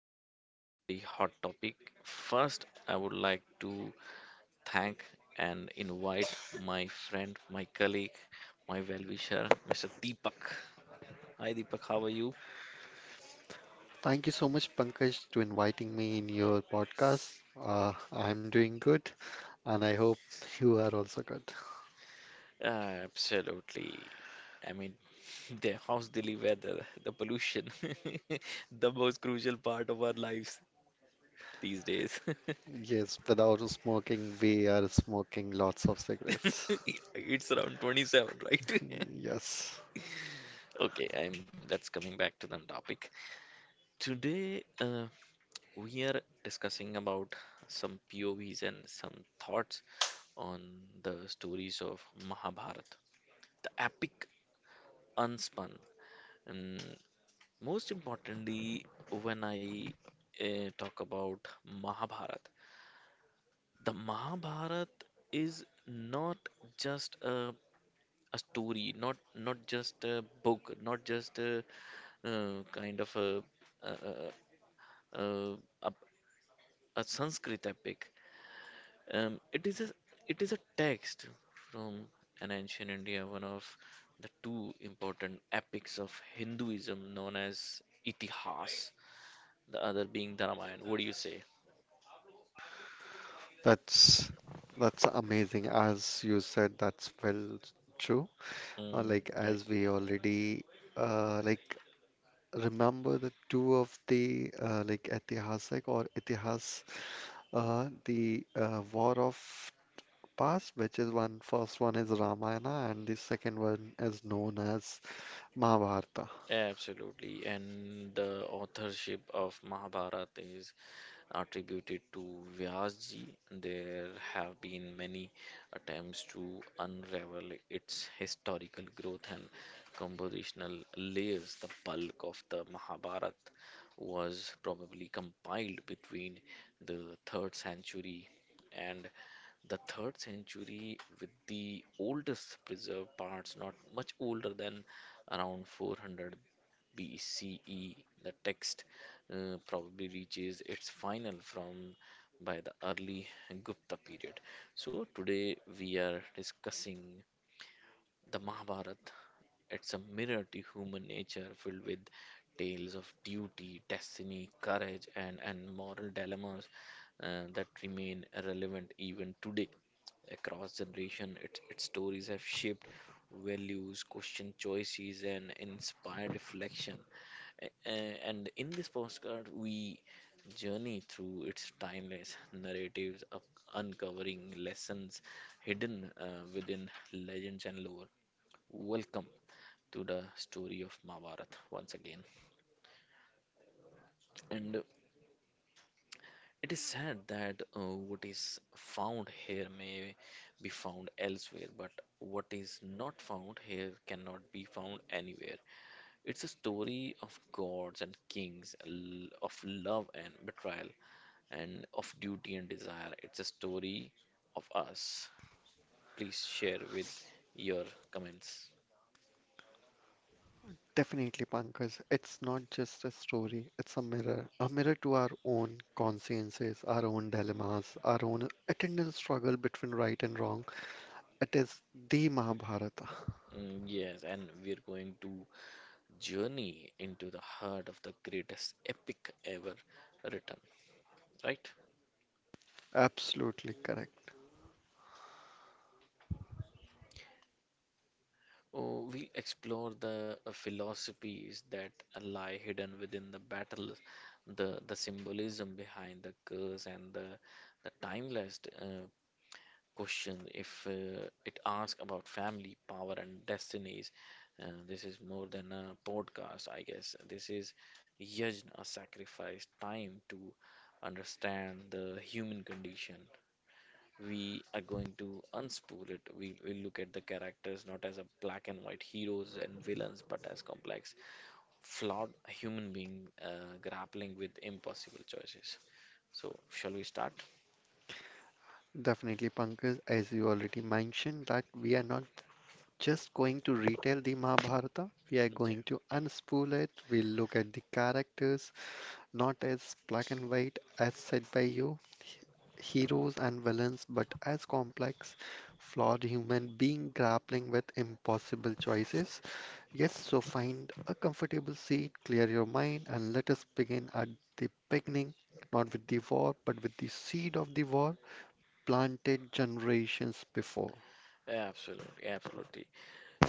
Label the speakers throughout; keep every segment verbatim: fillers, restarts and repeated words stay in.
Speaker 1: about a very hot topic. First, I would like to thank and invite my friend, my colleague, my well wisher, mister Deepak. Hi, Deepak, how are you?
Speaker 2: Thank you so much, Pankaj, to inviting me in your podcast. Uh, I'm doing good, and I hope you are also good.
Speaker 1: Uh, Absolutely. I mean, the house daily weather, the pollution, the most crucial part of our lives these days.
Speaker 2: Yes, without smoking, we are smoking lots of cigarettes.
Speaker 1: It's around twenty-seven, right?
Speaker 2: Yes,
Speaker 1: Okay, I'm that's coming back to the topic. Today, uh, we are discussing about some P O Vs and some thoughts on the stories of Mahabharata, the epic unspun. And most importantly, when I uh, talk about Mahabharata, the Mahabharata is not just a a story, not not just a book, not just a uh, kind of a a, a, a, a a Sanskrit epic. Um, it is a it is a text from an ancient India, one of the two important epics of Hinduism known as Itihas, the other being the Ramayana. What do you say?
Speaker 2: that's that's amazing. As you said, that's well true. Uh,
Speaker 1: Mm,
Speaker 2: like
Speaker 1: right,
Speaker 2: as we already uh, like Remember the two of the uh, like Etihasak or Itihas, uh, the uh, war of past, which is one first one is Ramayana and the second one is known as Mahabharata.
Speaker 1: absolutely. And the authorship of Mahabharata is attributed to Vyasji. There have been many attempts to unravel its historical growth and compositional layers. The bulk of the Mahabharata was probably compiled between the third century and the third century, with the oldest preserved parts not much older than around four hundred B C E. The text uh, probably reaches its final from by the early Gupta period. So today we are discussing the Mahabharata. It's a mirror to human nature, filled with tales of duty, destiny, courage, and, and moral dilemmas uh, that remain relevant even today. Across generation, its, its stories have shaped values, questioned choices, and inspired reflection. a- And in this postcard, we journey through its timeless narratives, of uncovering lessons hidden uh, within legends and lore. Welcome to the story of Mahabharata once again. And it is sad that uh, what is found here may be found elsewhere, but what is not found here cannot be found anywhere. It's a story of gods and kings, l- of love and betrayal, and of duty and desire. It's a story of us. Please share with your comments.
Speaker 2: Definitely, Pankaj, it's not just a story, it's a mirror, a mirror to our own consciences, our own dilemmas, our own eternal struggle between right and wrong. It is the Mahabharata.
Speaker 1: Mm, yes, and we're going to journey into the heart of the greatest epic ever written, right?
Speaker 2: Absolutely correct.
Speaker 1: Oh, we'll explore the uh, philosophies that lie hidden within the battle, the the symbolism behind the curse, and the the timeless uh, question. If uh, It asks about family, power, and destinies. Uh, this is more than a podcast, I guess. This is yajna, a sacrifice, time to understand the human condition. We are going to unspool it. We will look at the characters not as a black and white heroes and villains, but as complex, flawed human being uh, grappling with impossible choices. So, shall we start?
Speaker 2: Definitely, Pankaj, as you already mentioned, that we are not just going to retell the Mahabharata, we are
Speaker 1: Yeah,
Speaker 2: going to unspool it. We'll look at the characters, not as black and white as said by you, heroes and villains, but as complex, flawed human being grappling with impossible choices. Yes, so find a comfortable seat, clear your mind, and let us begin at the beginning, not with the war, but with the seed of the war planted generations before.
Speaker 1: absolutely, absolutely.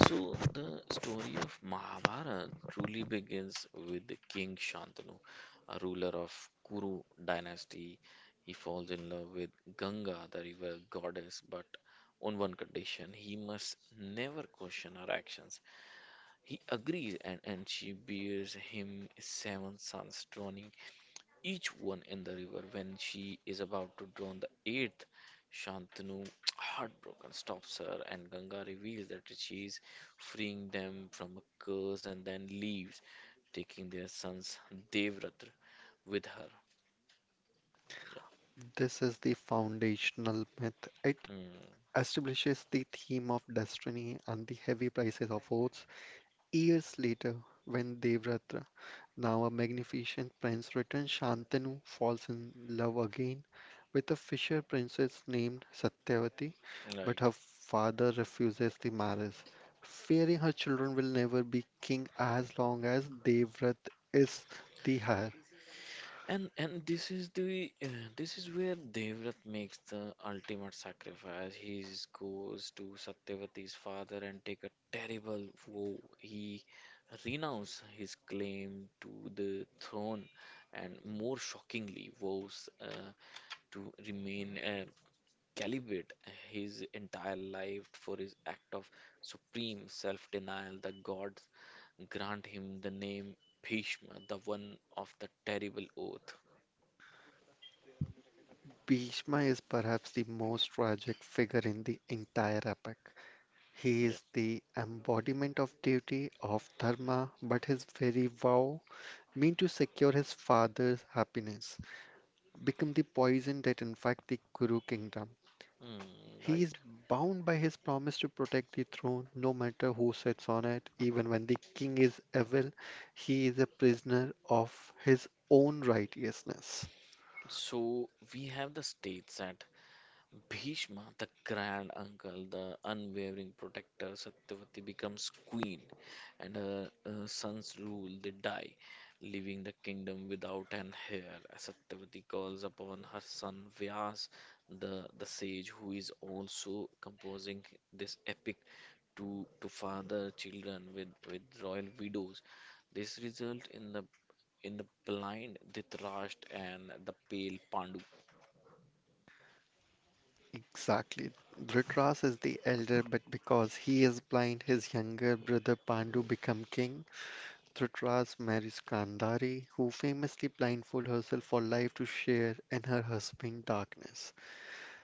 Speaker 1: So, the story of Mahabharata truly begins with the King Shantanu, a ruler of Kuru dynasty. He falls in love with Ganga, the river goddess, but on one condition: he must never question her actions. He agrees, and, and she bears him seven sons, drawing each one in the river. When she is about to drown the eighth, Shantanu, heartbroken, stops her, and Ganga reveals that she is freeing them from a curse and then leaves, taking their sons Devratra with her.
Speaker 2: This is the foundational myth. It
Speaker 1: Yeah. Mm,
Speaker 2: establishes the theme of destiny and the heavy prices of oaths. Years later, when Devratra, now a magnificent prince, returns, Shantanu falls in love again with a fisher princess named Satyavati, but
Speaker 1: right.
Speaker 2: her father refuses the marriage, fearing her children will never be king as long as Devrat is the heir.
Speaker 1: And and this is the uh, this is where Devrat makes the ultimate sacrifice. He is- goes to Satyavati's father and take a terrible vow. He renounces his claim to the throne and, more shockingly, vows uh, to remain uh, celibate his entire life. For his act of supreme self-denial, the gods grant him the name Bhishma, the one of the terrible oath.
Speaker 2: Bhishma is perhaps the most tragic figure in the entire epic. He
Speaker 1: Yep.
Speaker 2: is the embodiment of duty, of dharma, but his very vow, meant to secure his father's happiness, become the poison that infects the Kuru kingdom.
Speaker 1: Mm,
Speaker 2: He is
Speaker 1: right.
Speaker 2: bound by his promise to protect the throne no matter who sits on it. Even when the king is evil, he is a prisoner of his own righteousness.
Speaker 1: So we have the states at Bhishma, the grand uncle, the unwavering protector. Satyavati becomes queen, and her uh, sons rule. They die, leaving the kingdom without an heir. Satyavati calls upon her son Vyas, the, the sage, who is also composing this epic, to to father children with, with royal widows. This result in the in the blind Dhritarashtra and the pale Pandu.
Speaker 2: Exactly. Dhritarashtra is the elder, but because he is blind, his younger brother Pandu become king. Dhritarashtra marries Kandari, who famously blindfolds herself for life to share in her husband's darkness.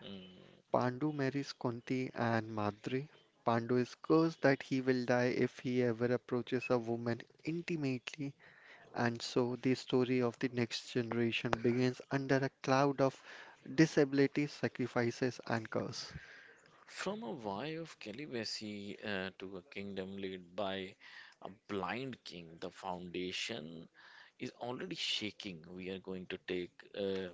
Speaker 1: Hmm.
Speaker 2: Pandu marries Kunti and Madri. Pandu is cursed that he will die if he ever approaches a woman intimately, and so the story of the next generation begins under a cloud of disability, sacrifices, and curse.
Speaker 1: From a vow of celibacy uh, to a kingdom led by a blind king, the foundation is already shaking. We are going to take uh,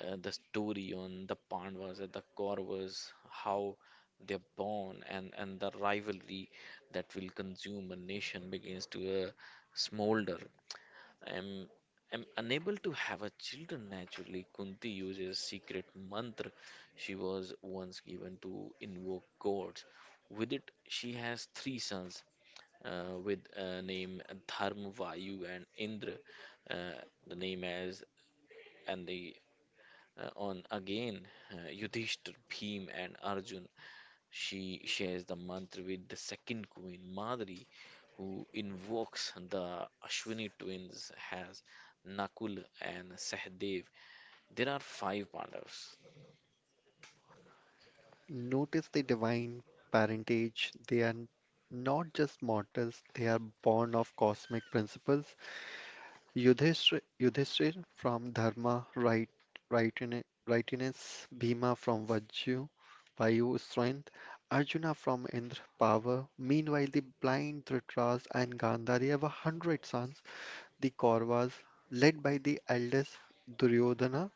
Speaker 1: uh, the story on the Pandavas and the Kauravas, how they're born, and, and the rivalry that will consume a nation begins to uh, smolder. I am i am unable to have a children naturally. Kunti uses secret mantra she was once given to invoke gods. With it she has three sons uh, with uh, name Dharma, Vayu, and Indra. Uh, the name as and the uh, on again uh, Yudhishthir, Bhim, and Arjun. She shares the mantra with the second queen, Madri, who invokes the Ashwini twins as Nakul and Sahdev. There are five Pandavas,
Speaker 2: Notice the divine parentage. They are not just mortals, they are born of cosmic principles. Yudhishthir, Yudhishthir from Dharma, right, rightine- rightness, Bhima from Vajju, Vayu strength, Arjuna from Indra power. Meanwhile, the blind Dhritarashtra and Gandhari have a hundred sons, the Kauravas, led by the eldest Duryodhana,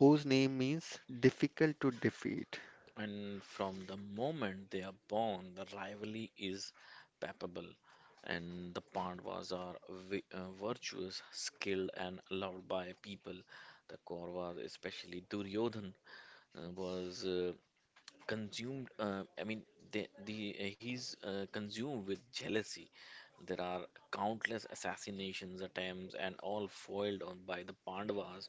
Speaker 2: whose name means difficult to defeat.
Speaker 1: and from the moment they are born, the rivalry is palpable. And the Pandavas are vi- uh, virtuous, skilled, and loved by people. The Kauravas, especially Duryodhan, uh, was uh, consumed uh, I mean the, the uh, he's uh, consumed with jealousy. There are countless assassinations attempts, and all foiled on by the Pandavas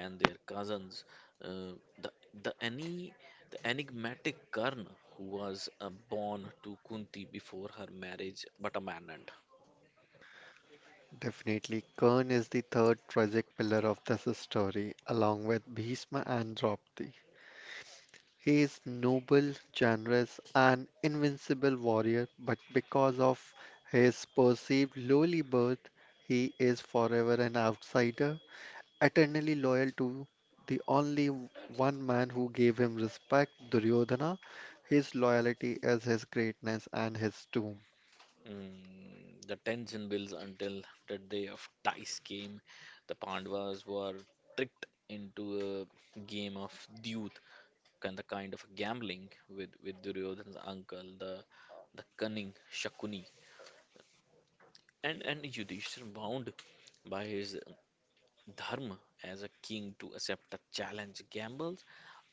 Speaker 1: and their cousins. uh, the the any the enigmatic Karna, who was uh, born to Kunti before her marriage but abandoned.
Speaker 2: Definitely, Kern is the third tragic pillar of this story, along with Bhishma and Draupadi. He is noble, generous, and invincible warrior, but because of his perceived lowly birth, he is forever an outsider, eternally loyal to the only one man who gave him respect, Duryodhana. His loyalty is his greatness and his tomb.
Speaker 1: Mm, the tension builds until the day of dice game. The Pandavas were tricked into a game of deuce and the kind of gambling with with Duryodhana's uncle, the the cunning Shakuni, and and Yudhishthir, bound by his dharma as a king to accept a challenge, gambles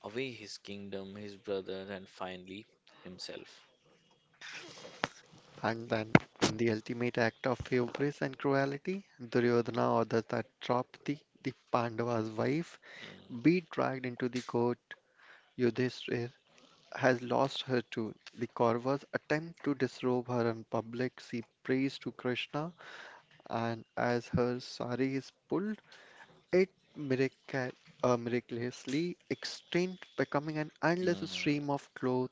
Speaker 1: away his kingdom, his brother, and finally himself.
Speaker 2: And then, in the ultimate act of hubris and cruelty, Duryodhana orders that Draupadi, the Pandava's wife,
Speaker 1: Mm,
Speaker 2: be dragged into the court. Yudhishthir has lost her too. The Kauravas attempt to disrobe her in public. She prays to Krishna, and as her sari is pulled, it miraca- uh, miraculously extinct, becoming an endless
Speaker 1: mm.
Speaker 2: stream of cloth.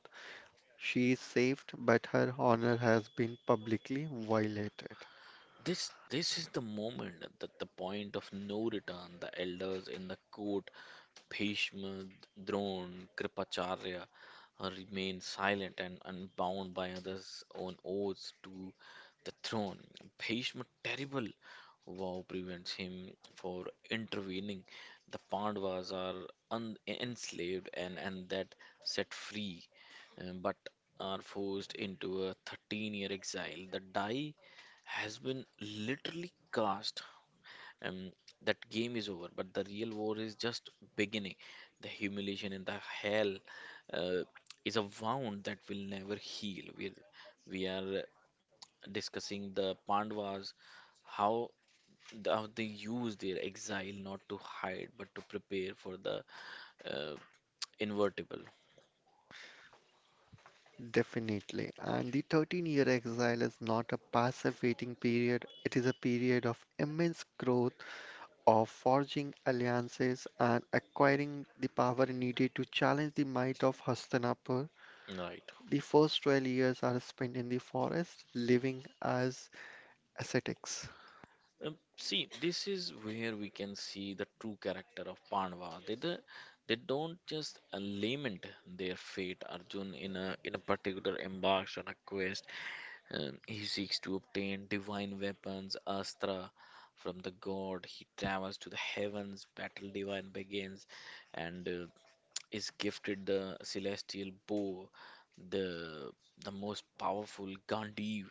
Speaker 2: She is saved, but her honor has been publicly violated.
Speaker 1: This this is the moment, that the point of no return. The elders in the court, Bhishma, Drona, Kripacharya, uh, remained silent and unbound by others' own oaths to the throne. Bhishma, terrible vow prevents him for intervening. The Pandavas are un- enslaved, and, and that set free, uh, but are forced into a thirteen year exile. The die has been literally cast, and that game is over, but the real war is just beginning. The humiliation and the hell uh, is a wound that will never heal. We we are discussing the Pandavas, how the, how they use their exile not to hide but to prepare for the uh, invertible.
Speaker 2: Definitely. And the thirteen-year exile is not a passive waiting period, it is a period of immense growth of forging alliances and acquiring the power needed to challenge the might of Hastinapur.
Speaker 1: Right.
Speaker 2: The first twelve years are spent in the forest, living as ascetics.
Speaker 1: Um, see, this is where we can see the true character of Pandava. They the, they don't just uh, lament their fate. Arjun, in a in a particular, embarks on a quest. Um, he seeks to obtain divine weapons, astra, from the god. He travels to the heavens, battle divine begins, and uh, is gifted the celestial bow, the the most powerful Gandhi,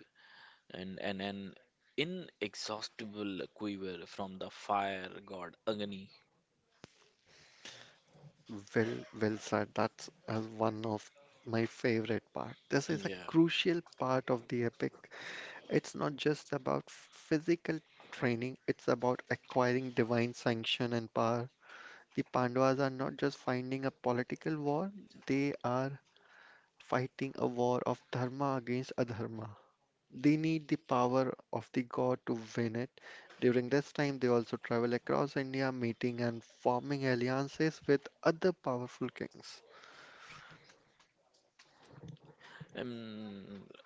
Speaker 1: and and an inexhaustible quiver from the fire god Agni.
Speaker 2: Well, well said. That's uh, one of my favorite part. This is a
Speaker 1: Yeah,
Speaker 2: crucial part of the epic. It's not just about physical training, it's about acquiring divine sanction and power. The Pandavas are not just finding a political war, they are fighting a war of dharma against adharma. They need the power of the god to win it. During this time, they also travel across India, meeting and forming alliances with other powerful kings.
Speaker 1: um,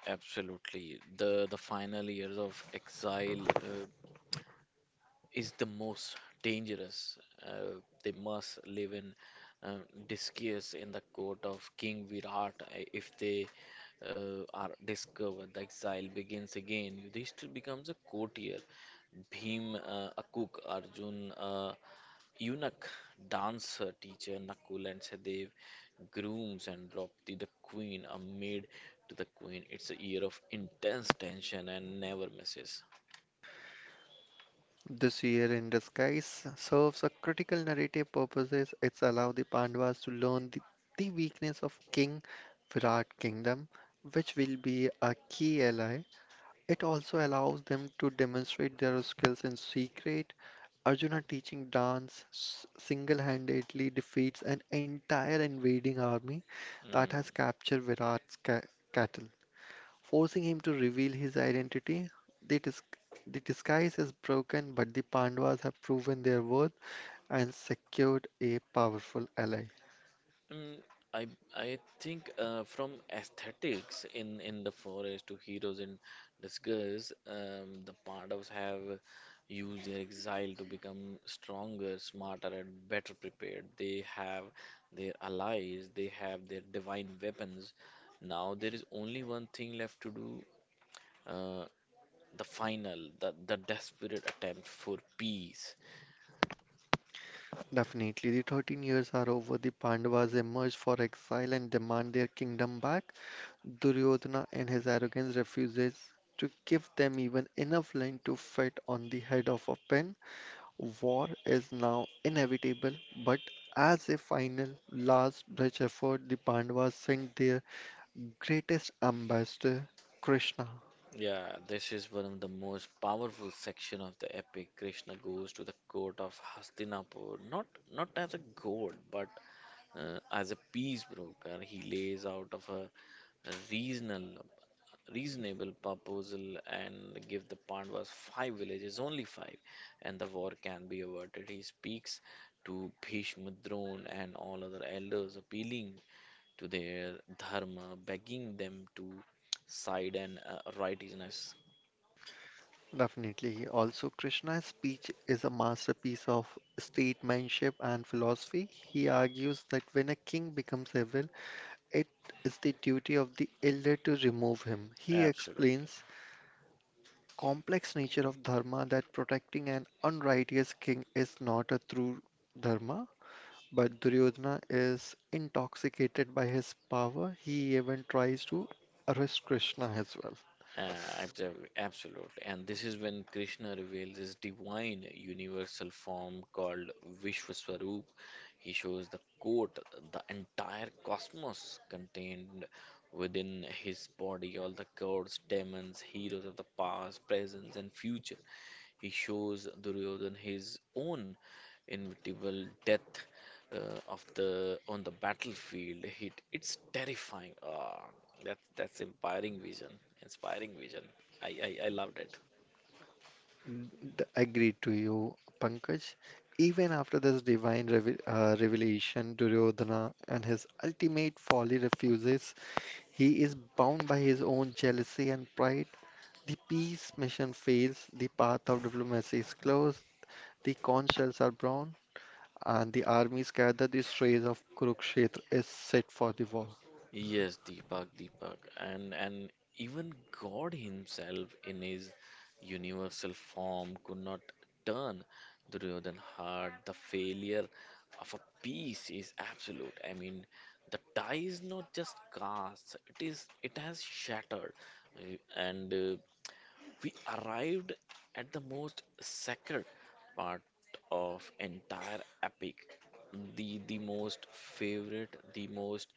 Speaker 1: absolutely. The the final years of exile uh, is the most dangerous. Uh, they must live in uh, disgrace in the court of King Virat. Uh, If they uh, are discovered, the exile begins again. Yudhishthir becomes a courtier, Bhim uh, a cook, Arjun uh, Eunuch, dancer, teacher, Nakul and Sadev, grooms, and Draupadi, the queen, a maid to the queen. It's a year of intense tension and never misses.
Speaker 2: This year in disguise serves a critical narrative purposes. It's allow the Pandavas to learn the, the weakness of King Virat kingdom, which will be a key ally. It also allows them to demonstrate their skills in secret. Arjuna teaching dance s- single-handedly defeats an entire invading army that
Speaker 1: Mm.
Speaker 2: has captured Virat's ca- cattle. Forcing him to reveal his identity, the, dis- the disguise is broken, but the Pandavas have proven their worth and secured a powerful ally.
Speaker 1: Mm, I I think uh, from aesthetics in in the forest to heroes in disguise, um, the Pandavas have used their exile to become stronger, smarter, and better prepared. They have their allies, they have their divine weapons. Now there is only one thing left to do, uh, the final, the the desperate attempt for peace.
Speaker 2: Definitely, the thirteen years are over. The Pandavas emerge for exile and demand their kingdom back. Duryodhana in his arrogance refuses to give them even enough line to fit on the head of a pin. War is now inevitable, but as a final, last ditch effort, the Pandavas send their greatest ambassador, Krishna.
Speaker 1: Yeah, this is one of the most powerful section of the epic. Krishna goes to the court of Hastinapur, not not as a god, but uh, as a peace broker. He lays out of a reasonable reasonable proposal and give the Pandavas five villages, only five, and the war can be averted. He speaks to Bhishma, Drona, and all other elders, appealing to their dharma, begging them to side and uh, righteousness.
Speaker 2: Definitely. Also, Krishna's speech is a masterpiece of statesmanship and philosophy. He argues that when a king becomes evil, it is the duty of the elder to remove him. He
Speaker 1: Absolutely.
Speaker 2: explains complex nature of dharma that protecting an unrighteous king is not a true dharma, but Duryodhana is intoxicated by his power. He even tries to arrest Krishna as well.
Speaker 1: Uh, absolutely. Absolutely. And this is when Krishna reveals his divine universal form, called Vishwaswarup. He shows the coat, the entire cosmos contained within his body, all the gods, demons, heroes of the past, present, and future. He shows Duryodhan his own inevitable death uh, of the on the battlefield. It, it's terrifying. Ah, that's that's inspiring vision. Inspiring vision. I, I I loved it.
Speaker 2: D- Agreed to you, Pankaj. Even after this divine reve uh, revelation, Duryodhana and his ultimate folly refuses. He is bound by his own jealousy and pride. The peace mission fails, the path of diplomacy is closed. The conch shells are brown, and the armies gather. The strays of Kurukshetra is set for the war.
Speaker 1: Yes, Deepak, Deepak, and and even God Himself in His universal form could not turn Duryodhan hard. The failure of a piece is absolute. I mean, the die is not just cast; it is it has shattered. Uh, and uh, we arrived at the most sacred part of entire epic. The the most favorite, the most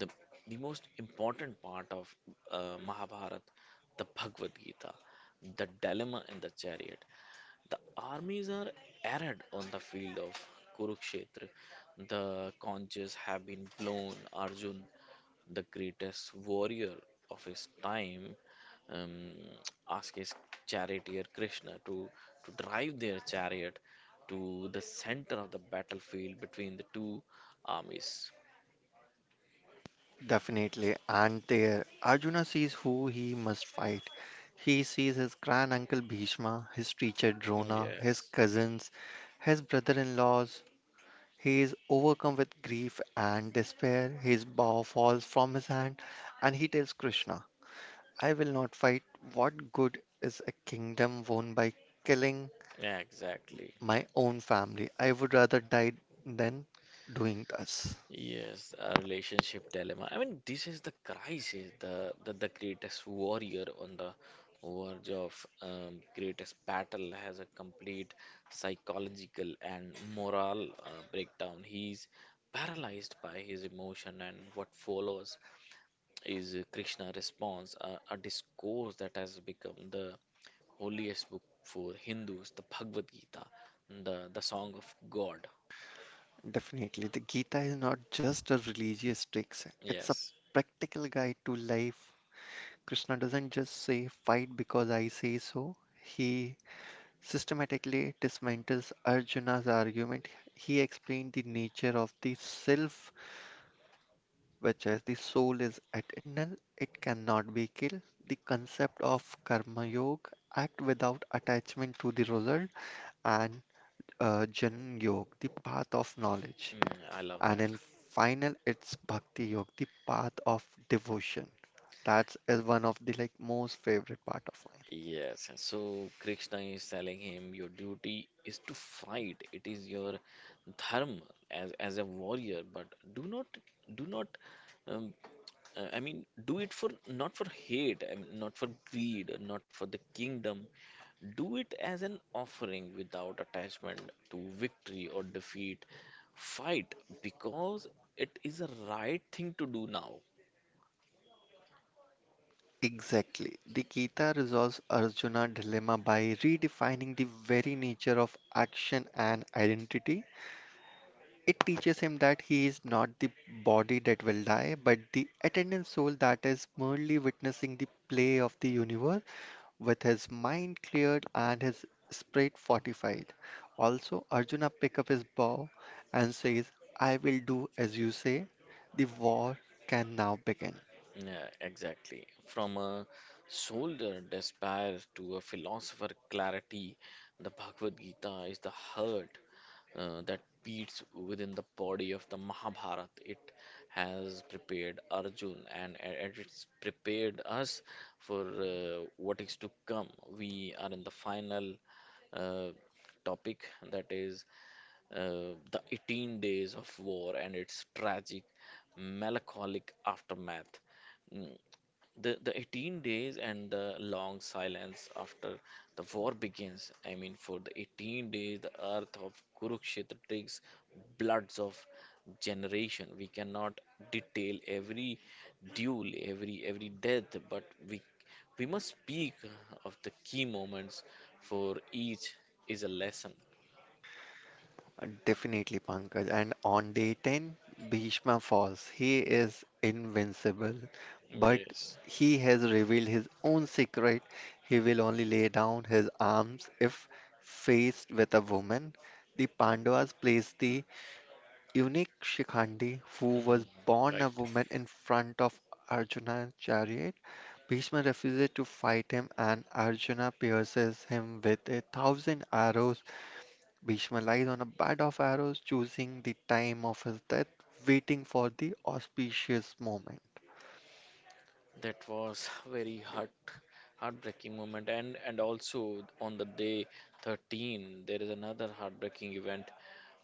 Speaker 1: the the most important part of uh, Mahabharata, the Bhagavad Gita, the dilemma in the chariot. The armies are arid on the field of Kurukshetra. The conches have been blown. Arjun, the greatest warrior of his time, um, asked his charioteer Krishna to to drive their chariot to the center of the battlefield between the two armies.
Speaker 2: Definitely. And there, Arjuna sees who he must fight. He sees his grand uncle Bhishma, his teacher Drona, his
Speaker 1: Yes,
Speaker 2: cousins, his brother in laws. He is overcome with grief and despair. His bow falls from his hand, and he tells Krishna, I will not fight. What good is a kingdom won by killing
Speaker 1: yeah, exactly.
Speaker 2: my own family? I would rather die than doing this.
Speaker 1: Yes, a relationship dilemma. I mean, this is the crisis, the the, the greatest warrior on the verge of um, greatest battle has a complete psychological and moral uh, breakdown. He's paralyzed by his emotion, and what follows is Krishna response, a, a discourse that has become the holiest book for Hindus, the Bhagavad Gita, the the song of God.
Speaker 2: Definitely. The Gita is not just a religious text, it's a
Speaker 1: Yes.
Speaker 2: practical guide to life. Krishna doesn't just say, fight because I say so. He systematically dismantles Arjuna's argument. He explained the nature of the self, which is the soul is eternal, it cannot be killed. The concept of karma yoga, act without attachment to the result, and uh, Jnana Yoga, the path of knowledge,
Speaker 1: Mm, I love
Speaker 2: and
Speaker 1: that.
Speaker 2: in final it's Bhakti Yoga, the path of devotion. That's is one of the like most favorite part of mine.
Speaker 1: Yes, so Krishna is telling him your duty is to fight. It is your dharma as as a warrior, but do not do not um, uh, I mean do it for not for hate, I mean, not for greed, not for the kingdom. Do it as an offering without attachment to victory or defeat. Fight because it is a right thing to do now.
Speaker 2: Exactly. The Gita resolves Arjuna dilemma by redefining the very nature of action and identity. It teaches him that he is not the body that will die, but the attendant soul that is merely witnessing the play of the universe. With his mind cleared and his spirit fortified. Also, Arjuna pick up his bow and says, I will do as you say. The war can now begin.
Speaker 1: Yeah, exactly. From a soldier despair to a philosopher clarity, the Bhagavad Gita is the heart uh, that beats within the body of the Mahabharata. It has prepared Arjun and it- it's prepared us for uh, what is to come. We are in the final uh, topic that is uh, the eighteen days of war and its tragic, melancholic aftermath. Mm, the the eighteen days and the long silence after the war begins. I mean, for the eighteen days the earth of Kurukshetra takes bloods of generation. We cannot detail every duel, every every death, but we we must speak of the key moments, for each is a lesson.
Speaker 2: Definitely, Pankaj. And on day ten, Bhishma falls. He is invincible, but
Speaker 1: Yes.
Speaker 2: he has revealed his own secret. He will only lay down his arms if faced with a woman. The Pandavas place the Unique Shikhandi, who was
Speaker 1: Mm,
Speaker 2: born a
Speaker 1: right.
Speaker 2: woman in front of Arjuna's chariot. Bhishma refuses to fight him and Arjuna pierces him with a thousand arrows. Bhishma lies on a bed of arrows, choosing the time of his death, waiting for the auspicious moment.
Speaker 1: That was very heart heartbreaking moment, and and also on the day thirteen there is another heartbreaking event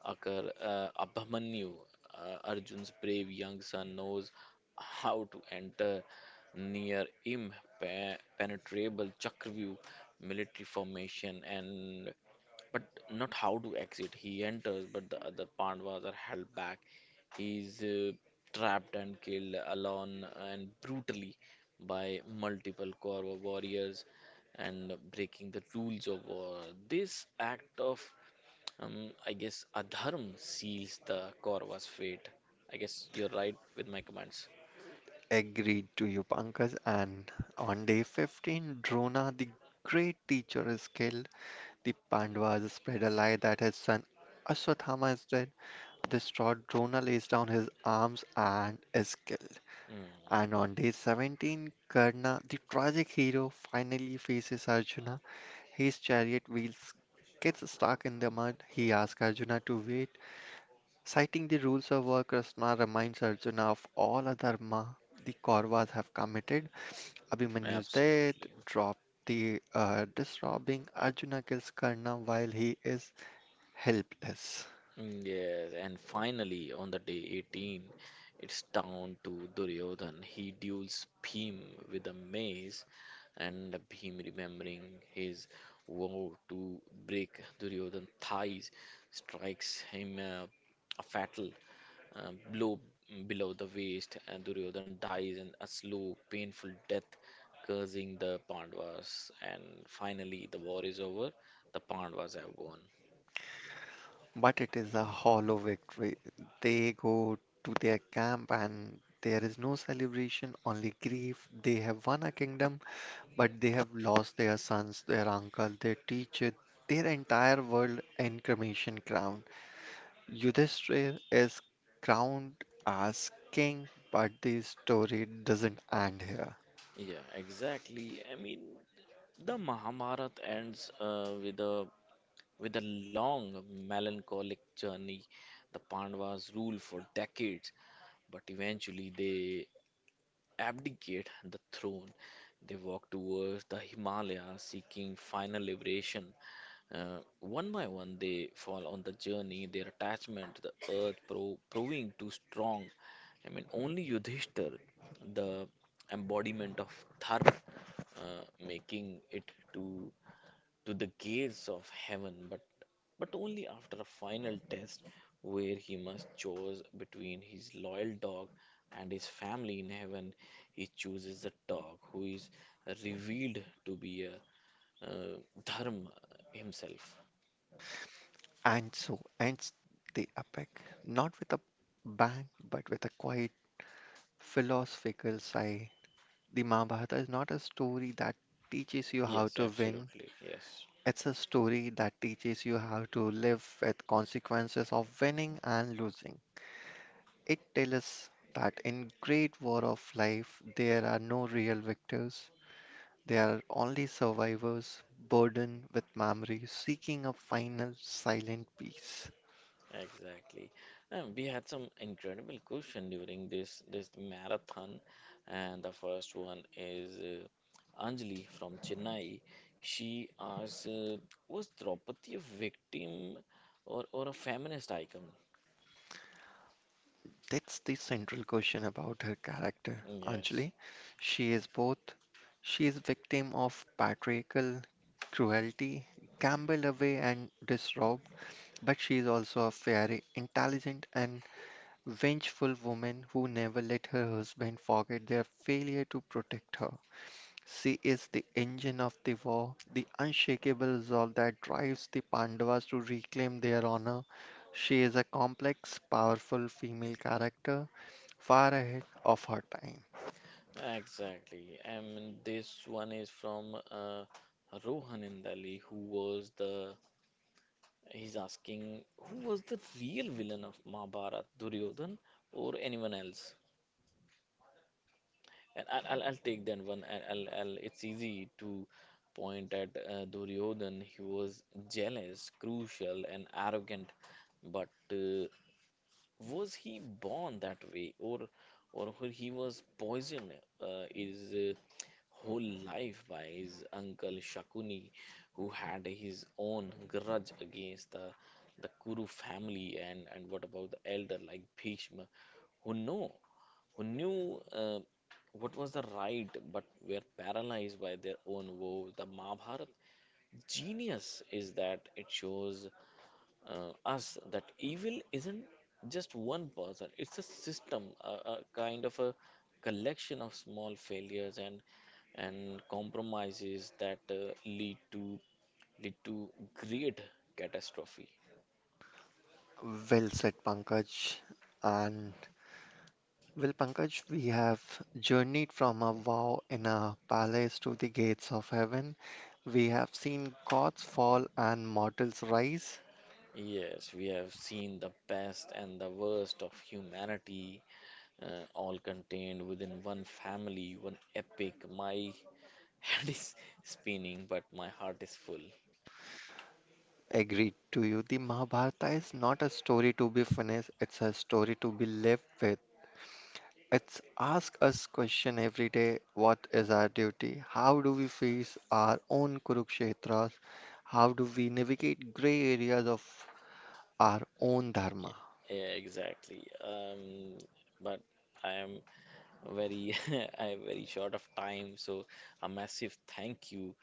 Speaker 1: occur. uh, Abhamanyu, uh, Arjun's brave young son, knows how to enter near impenetrable Chakravyuh military formation, and but not how to exit. He enters, but the other Pandavas are held back. He is uh, trapped and killed alone and brutally by multiple Kaurava warriors and breaking the rules of war. This act of, um, I guess, adharm seals the Kaurava's fate. I guess you're right with my comments.
Speaker 2: Agreed to you, Pankaj. And on day fifteen, Drona, the great teacher, is killed. The Pandavas spread a lie that his son Aswathama is dead. Distraught, Drona lays down his arms and is killed.
Speaker 1: Mm,
Speaker 2: And on day seventeen, Karna, the tragic hero, finally faces Arjuna. His chariot wheels gets stuck in the mud. He asks Arjuna to wait. Citing the rules of war, Krishna reminds Arjuna of all adharma the Kauravas have committed. Abhimanyu's death,
Speaker 1: absolutely.
Speaker 2: drop the uh, disrobing. Arjuna kills Karna while he is helpless.
Speaker 1: Mm. Yes, and finally on the day eighteen, it's down to Duryodhan. He duels Bhim with a mace, and Bhim, remembering his vow to break Duryodhan's thighs, strikes him uh, a fatal uh, blow below the waist, and Duryodhan dies in a slow, painful death, cursing the Pandavas. And finally, the war is over. The Pandavas have won.
Speaker 2: But it is a hollow victory. They go to their camp and there is no celebration, only grief. They have won a kingdom, but they have lost their sons, their uncle, their teacher, their entire world in cremation crown. Yudhishthir is crowned as king, but the story doesn't end here.
Speaker 1: Yeah, exactly. I mean, the Mahabharata ends uh, with a with a long melancholic journey. The Pandavas rule for decades, but eventually they abdicate the throne. They walk towards the Himalayas seeking final liberation. Uh, one by one, they fall on the journey, their attachment to the earth pro- proving too strong. I mean, only Yudhishthir, the embodiment of Dharma, uh, making it to to the gates of heaven, but, but only after a final test where he must choose between his loyal dog and his family in heaven. He chooses the dog, who is revealed to be a uh, dharma himself.
Speaker 2: And so ends the epic, not with a bang, but with a quiet philosophical sigh. The Mahabharata is not a story that teaches you how
Speaker 1: Yes,
Speaker 2: to win.
Speaker 1: absolutely. Yes.
Speaker 2: It's a story that teaches you how to live with consequences of winning and losing. It tells us that in great war of life there are no real victors. There are only survivors burdened with memories seeking a final silent peace.
Speaker 1: Exactly. And we had some incredible question during this this marathon, and the first one is uh, Anjali from Chennai. She asks, uh, "Was Draupadi a victim or or a feminist icon?"
Speaker 2: That's the central question about her character,
Speaker 1: Yes,
Speaker 2: Anjali. She is both. She is victim of patriarchal cruelty, gambled away and disrobed, but she is also a very intelligent and vengeful woman who never let her husband forget their failure to protect her. She is the engine of the war, the unshakable resolve that drives the Pandavas to reclaim their honor. She is a complex, powerful female character, far ahead of her time.
Speaker 1: exactly. I mean, this one is from uh, Rohan Indali, who was the he's asking, who was the real villain of Mahabharata, Duryodhan or anyone else? And I'll, I'll, I'll take that one. I'll, I'll, I'll, it's easy to point at uh, Duryodhan. He was jealous, crucial, and arrogant, but uh, was he born that way, or or who he was poisoned uh, his uh, whole life by his uncle Shakuni, who had his own grudge against the the Kuru family. and and what about the elder like Bhishma, who know who knew uh, what was the right but were paralyzed by their own woes. The Mahabharata genius is that it shows uh, us that evil isn't just one person, it's a system, a, a kind of a collection of small failures and and compromises that uh, lead to lead to great catastrophe.
Speaker 2: Well said, Pankaj. And well, Pankaj, we have journeyed from a vow in a palace to the gates of heaven. We have seen gods fall and mortals rise.
Speaker 1: Yes, we have seen the best and the worst of humanity, uh, all contained within one family, one epic. My head is spinning, but my heart is full.
Speaker 2: Agreed to you. The Mahabharata is not a story to be finished, it's a story to be lived with. It's ask us question every day, what is our duty? How do we face our own Kurukshetras? How do we navigate gray areas of our own dharma?
Speaker 1: Yeah, yeah, exactly. Um, but I am very, I am very short of time, so a massive thank you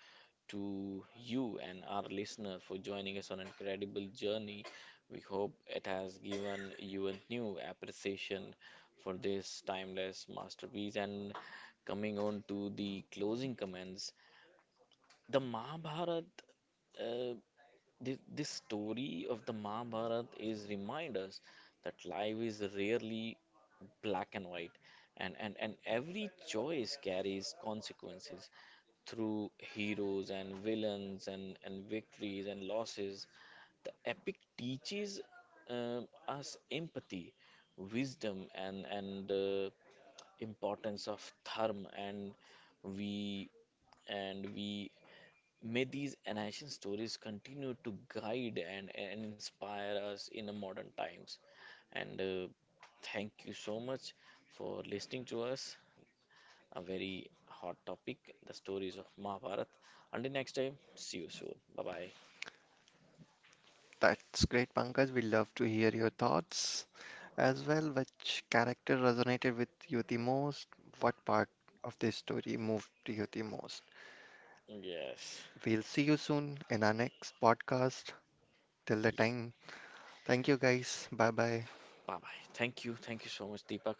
Speaker 1: to you and our listener for joining us on an incredible journey. We hope it has given you a new appreciation for this timeless masterpiece. And coming on to the closing comments, the Mahabharata. Uh, this, this story of the Mahabharata is remind us that life is rarely black and white, and, and, and every choice carries consequences through heroes and villains, and, and victories and losses. The epic teaches um us empathy, wisdom, and, and uh, importance of dharma, and we and we May these ancient stories continue to guide and, and inspire us in the modern times. And uh, thank you so much for listening to us. A very hot topic, the stories of Mahabharat. Until next time, see you soon. Bye bye.
Speaker 2: That's great, Pankaj. We love to hear your thoughts as well. Which character resonated with you the most? What part of this story moved you the most?
Speaker 1: Yes.
Speaker 2: We'll see you soon in our next podcast. Till the
Speaker 1: Yeah.
Speaker 2: time. Thank you guys. Bye bye.
Speaker 1: Bye bye. Thank you. Thank you so much, Deepak.